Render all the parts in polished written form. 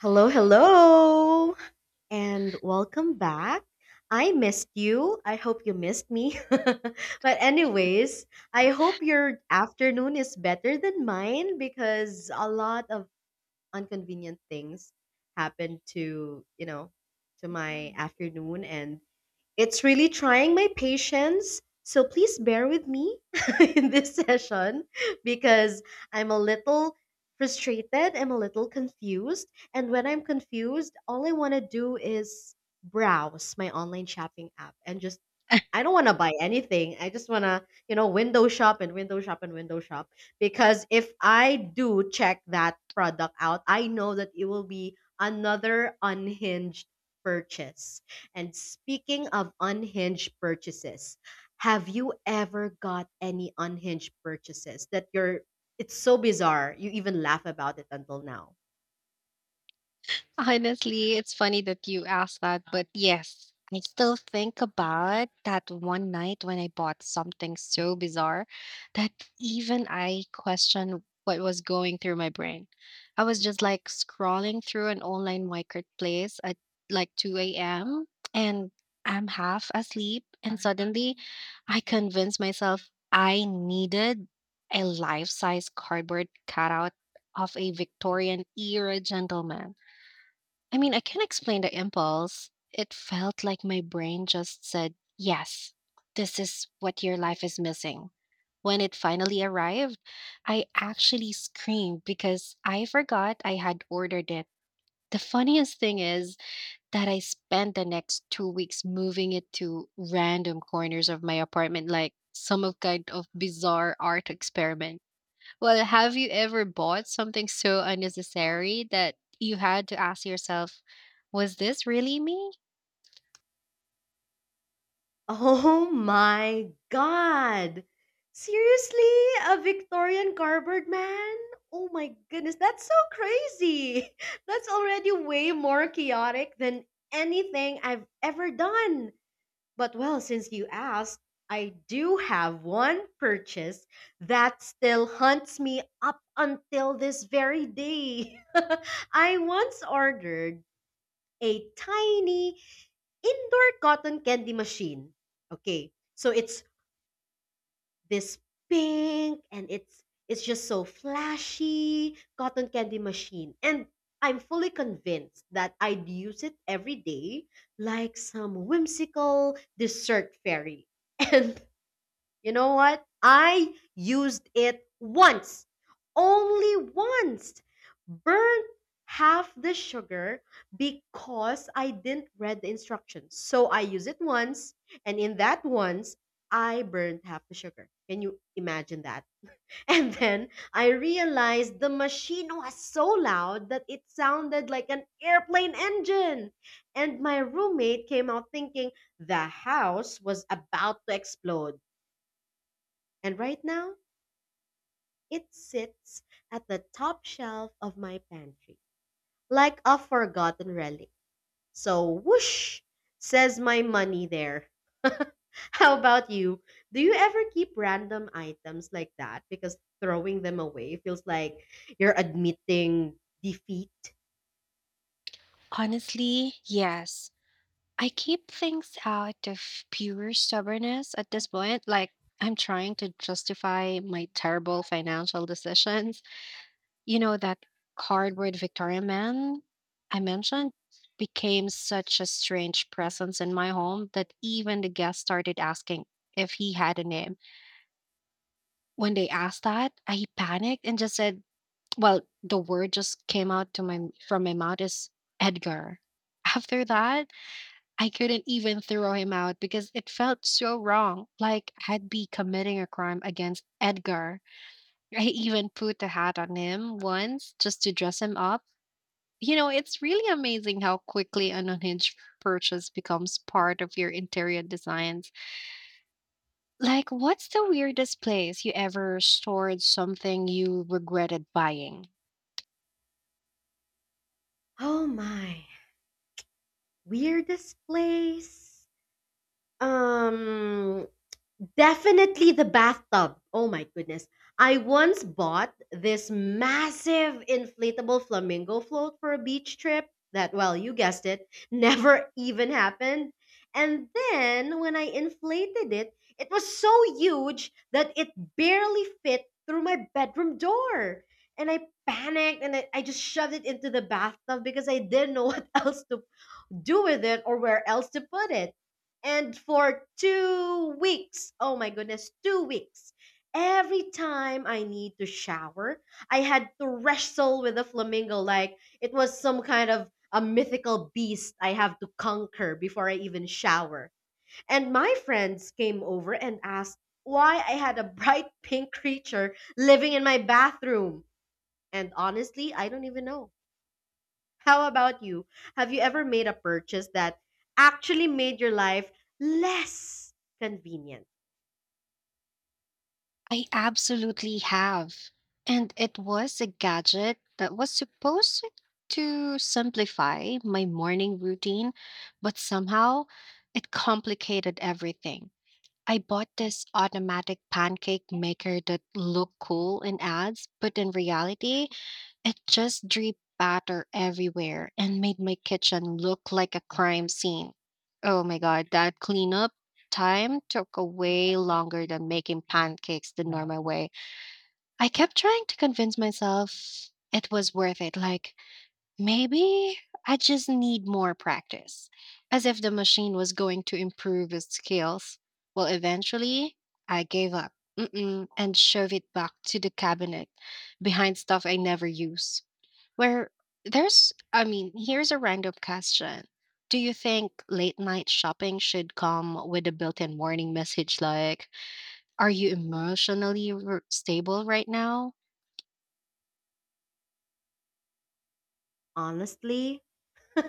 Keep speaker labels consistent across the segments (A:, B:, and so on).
A: Hello, hello, and welcome back. I missed you. I hope you missed me. But anyways, I hope your afternoon is better than mine because a lot of inconvenient things happened to my afternoon. And it's really trying my patience. So please bear with me in this session because I'm a little frustrated, I'm a little confused. And when I'm confused, all I want to do is browse my online shopping app and just I don't want to buy anything. I just want to window shop and window shop and window shop because if I do check that product out, I know that it will be another unhinged purchase. And speaking of unhinged purchases, have you ever got any unhinged purchases that you're it's so bizarre you even laugh about it until now?
B: Honestly, it's funny that you asked that, but yes, I still think about that one night when I bought something so bizarre that even I question what was going through my brain. I was just like scrolling through an online marketplace at like 2 a.m. and I'm half asleep, and suddenly I convinced myself I needed a life-size cardboard cutout of a Victorian era gentleman. I mean, I can't explain the impulse. It felt like my brain just said, "Yes, this is what your life is missing." When it finally arrived, I actually screamed because I forgot I had ordered it. The funniest thing is that I spent the next 2 weeks moving it to random corners of my apartment, like some of kind of bizarre art experiment. Well, have you ever bought something so unnecessary that you had to ask yourself, was this really me?
A: Oh my god. Seriously? A Victorian cardboard man? Oh my goodness, that's so crazy. That's already way more chaotic than anything I've ever done. But well, since you asked, I do have one purchase that still hunts me up until this very day. I once ordered a tiny indoor cotton candy machine. Okay, so it's this pink and it's just so flashy cotton candy machine, and I'm fully convinced that I'd use it every day like some whimsical dessert fairy. And you know what? I used it once, only once. Burnt half the sugar because I didn't read the instructions. So I use it once, and in that once, I burned half the sugar. Can you imagine that? And then I realized the machine was so loud that it sounded like an airplane engine. And my roommate came out thinking the house was about to explode. And right now, it sits at the top shelf of my pantry, like a forgotten relic. So, whoosh, says my money there. How about you? Do you ever keep random items like that? Because throwing them away feels like you're admitting defeat.
B: Honestly, yes. I keep things out of pure stubbornness at this point. Like, I'm trying to justify my terrible financial decisions. You know, that cardboard Victorian man I mentioned became such a strange presence in my home that even the guests started asking if he had a name. When they asked that, I panicked and just said, well, the word just came out to my from my mouth is Edgar. After that, I couldn't even throw him out because it felt so wrong, like I'd be committing a crime against Edgar. I even put a hat on him once just to dress him up. You know, it's really amazing how quickly an unhinged purchase becomes part of your interior design. Like, what's the weirdest place you ever stored something you regretted buying?
A: Oh my, weirdest place. Um, Definitely the bathtub. Oh my goodness. I once bought this massive inflatable flamingo float for a beach trip that, well, you guessed it, never even happened. And then when I inflated it, it was so huge that it barely fit through my bedroom door. And I panicked and I just shoved it into the bathtub because I didn't know what else to do with it or where else to put it. And for 2 weeks, oh my goodness, 2 weeks, every time I need to shower, I had to wrestle with a flamingo like it was some kind of a mythical beast I have to conquer before I even shower. And my friends came over and asked why I had a bright pink creature living in my bathroom. And honestly, I don't even know. How about you? Have you ever made a purchase that actually made your life less convenient?
B: I absolutely have. And it was a gadget that was supposed to simplify my morning routine, but somehow it complicated everything. I bought this automatic pancake maker that looked cool in ads, but in reality, it just dripped batter everywhere and made my kitchen look like a crime scene. Oh my god, that cleanup time took a way longer than making pancakes the normal way. I kept trying to convince myself it was worth it. Like, maybe I just need more practice, as if the machine was going to improve its skills. Well, eventually, I gave up, Mm-mm, and shoved it back to the cabinet behind stuff I never use. Where there's I mean, here's a random question. Do you think late night shopping should come with a built-in warning message like, "Are you emotionally stable right now?"
A: Honestly?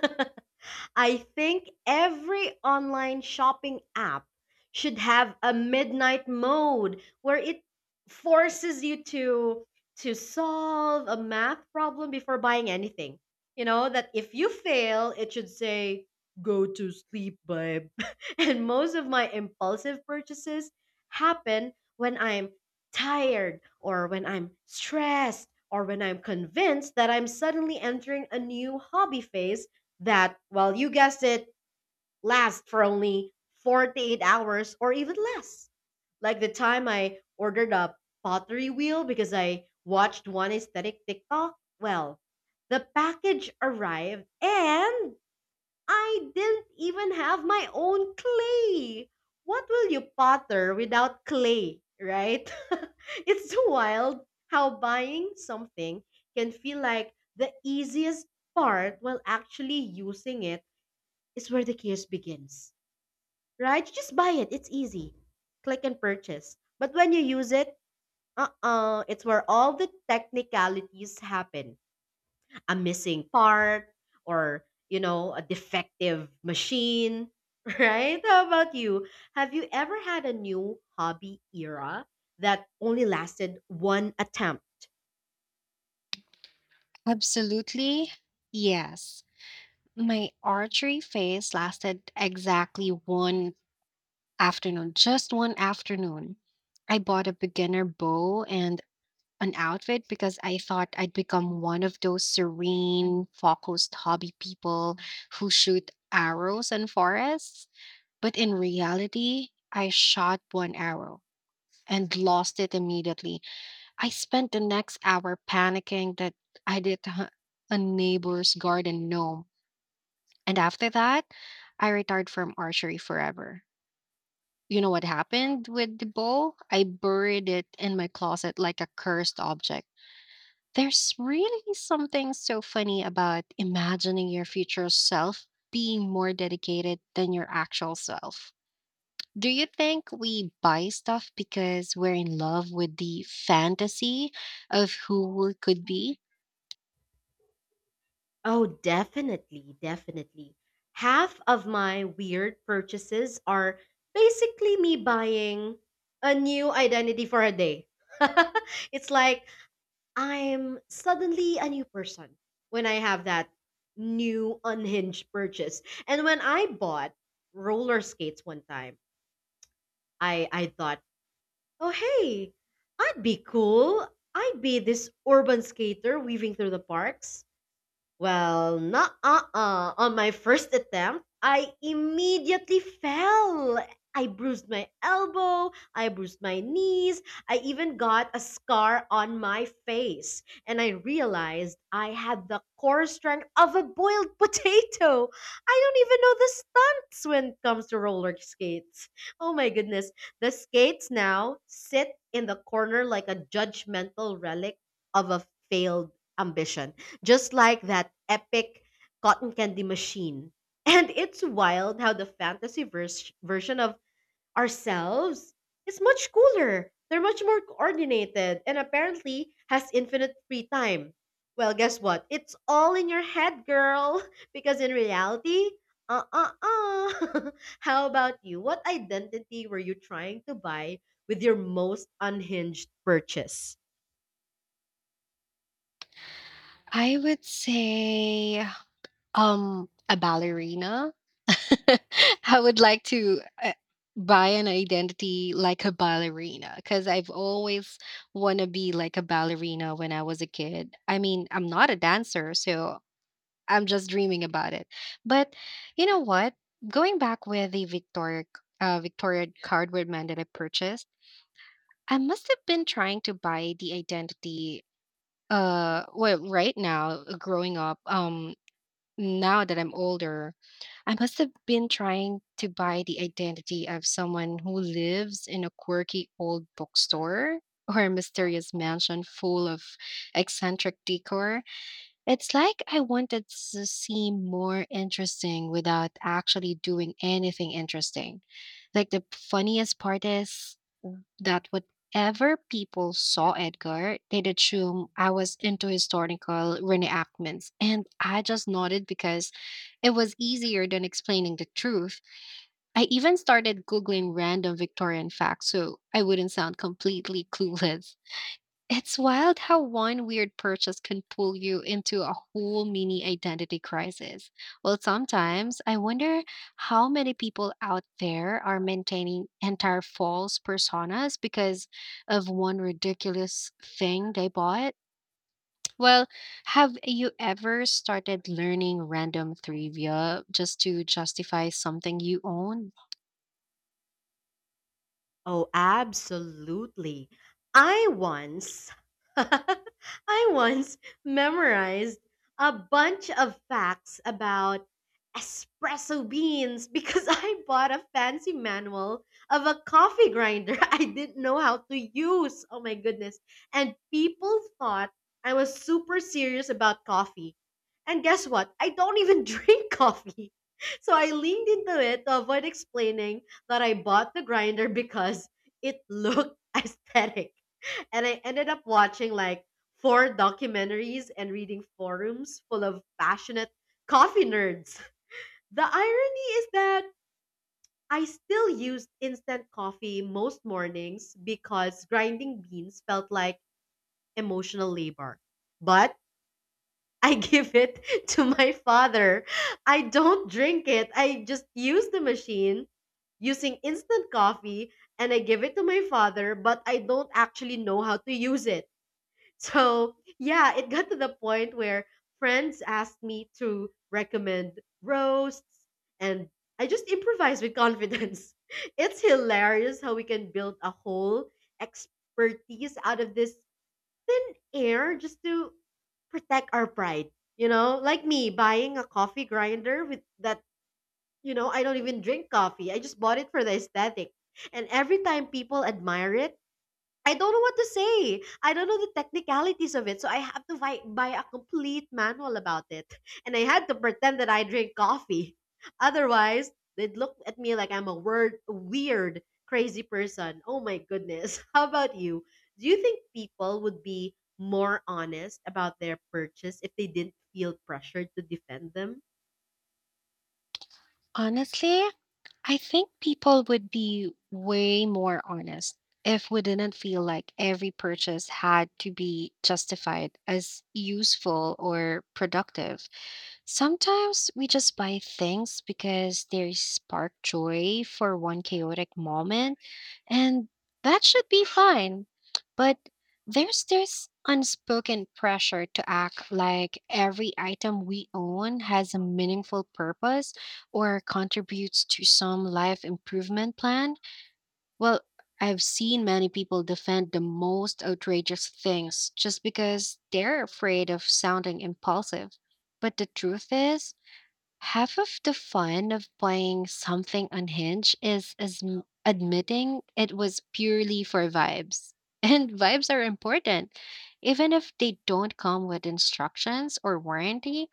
A: I think every online shopping app should have a midnight mode where it forces you to solve a math problem before buying anything. You know, that if you fail, it should say go to sleep, babe. And most of my impulsive purchases happen when I'm tired or when I'm stressed or when I'm convinced that I'm suddenly entering a new hobby phase that, well, you guessed it, last for only 48 hours or even less. Like the time I ordered a pottery wheel because I watched one aesthetic TikTok. Well, the package arrived and I didn't even have my own clay. What will you potter without clay, right? It's so wild how buying something can feel like the easiest part while actually using it is where the chaos begins, right? You just buy it, it's easy. Click and purchase. But when you use it, it's where all the technicalities happen, a missing part or, you know, a defective machine, right? How about you? Have you ever had a new hobby era that only lasted one attempt?
B: Absolutely. Yes. My archery phase lasted exactly one afternoon, just one afternoon. I bought a beginner bow and an outfit because I thought I'd become one of those serene, focused hobby people who shoot arrows in forests. But in reality, I shot one arrow and lost it immediately. I spent the next hour panicking that I did a neighbor's garden gnome. And after that, I retired from archery forever. You know what happened with the bow? I buried it in my closet like a cursed object. There's really something so funny about imagining your future self being more dedicated than your actual self. Do you think we buy stuff because we're in love with the fantasy of who we could be?
A: Oh, definitely, definitely. Half of my weird purchases are basically me buying a new identity for a day. It's like I'm suddenly a new person when I have that new unhinged purchase. And when I bought roller skates one time, I thought, oh, hey, I'd be cool. I'd be this urban skater weaving through the parks, well, not uh-uh. On my first attempt, I immediately fell. I bruised my elbow, I bruised my knees, I even got a scar on my face. And I realized I had the core strength of a boiled potato. I don't even know the stunts when it comes to roller skates. Oh my goodness. The skates now sit in the corner like a judgmental relic of a failed ambition, just like that epic cotton candy machine. And it's wild how the version of ourselves is much cooler. They're much more coordinated and apparently has infinite free time. Well, guess what? It's all in your head, girl. Because in reality, uh uh uh. How about you? What identity were you trying to buy with your most unhinged purchase?
B: I would say a ballerina. I would like to buy an identity like a ballerina because I've always want to be like a ballerina when I was a kid. I mean, I'm not a dancer, so I'm just dreaming about it. But you know what? Going back with the Victoria cardboard man that I purchased, I must have been trying to buy the identity, well, right now, growing up, now that I'm older, I must have been trying to buy the identity of someone who lives in a quirky old bookstore or a mysterious mansion full of eccentric decor. It's like I wanted to seem more interesting without actually doing anything interesting. Like the funniest part is that whatever people saw Edgar, they'd assume I was into historical reenactments. And I just nodded because it was easier than explaining the truth. I even started Googling random Victorian facts so I wouldn't sound completely clueless. It's wild how one weird purchase can pull you into a whole mini identity crisis. Well, sometimes I wonder how many people out there are maintaining entire false personas because of one ridiculous thing they bought. Well, have you ever started learning random trivia just to justify something you own?
A: Oh, absolutely. I once I once memorized a bunch of facts about espresso beans because I bought a fancy manual of a coffee grinder I didn't know how to use. Oh my goodness. And people thought I was super serious about coffee. And guess what? I don't even drink coffee. So I leaned into it to avoid explaining that I bought the grinder because it looked aesthetic. And I ended up watching like four documentaries and reading forums full of passionate coffee nerds. The irony is that I still used instant coffee most mornings because grinding beans felt like emotional labor. But I give it to my father. I don't drink it. I just use the machine using instant coffee and I give it to my father, but I don't actually know how to use it. So, yeah, it got to the point where friends asked me to recommend roasts and I just improvise with confidence. It's hilarious how we can build a whole expertise out of this thin air just to protect our pride. You know, like me buying a coffee grinder with that, you know, I don't even drink coffee. I just bought it for the aesthetic. And every time people admire it, I don't know what to say. I don't know the technicalities of it. So I have to buy a complete manual about it. And I had to pretend that I drink coffee. Otherwise, they'd look at me like I'm a weird, crazy person. Oh my goodness. How about you? Do you think people would be more honest about their purchase if they didn't feel pressured to defend them?
B: Honestly, I think people would be way more honest if we didn't feel like every purchase had to be justified as useful or productive. Sometimes we just buy things because they spark joy for one chaotic moment and that should be fine. But there's this unspoken pressure to act like every item we own has a meaningful purpose or contributes to some life improvement plan. Well, I've seen many people defend the most outrageous things just because they're afraid of sounding impulsive. But the truth is, half of the fun of buying something unhinged is admitting it was purely for vibes. And vibes are important. Even if they don't come with instructions or warranty,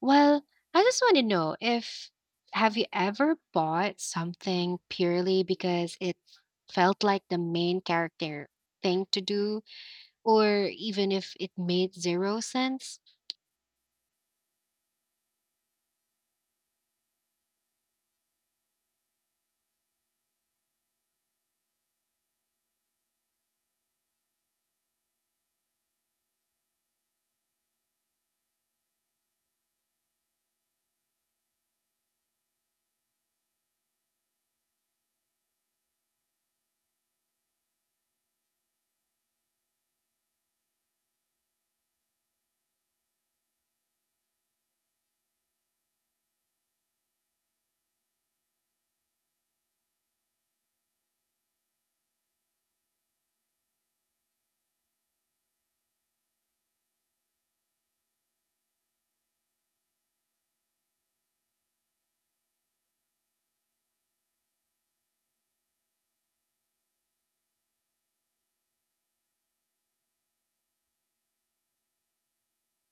B: well, I just want to know if have you ever bought something purely because it felt like the main character thing to do or even if it made zero sense?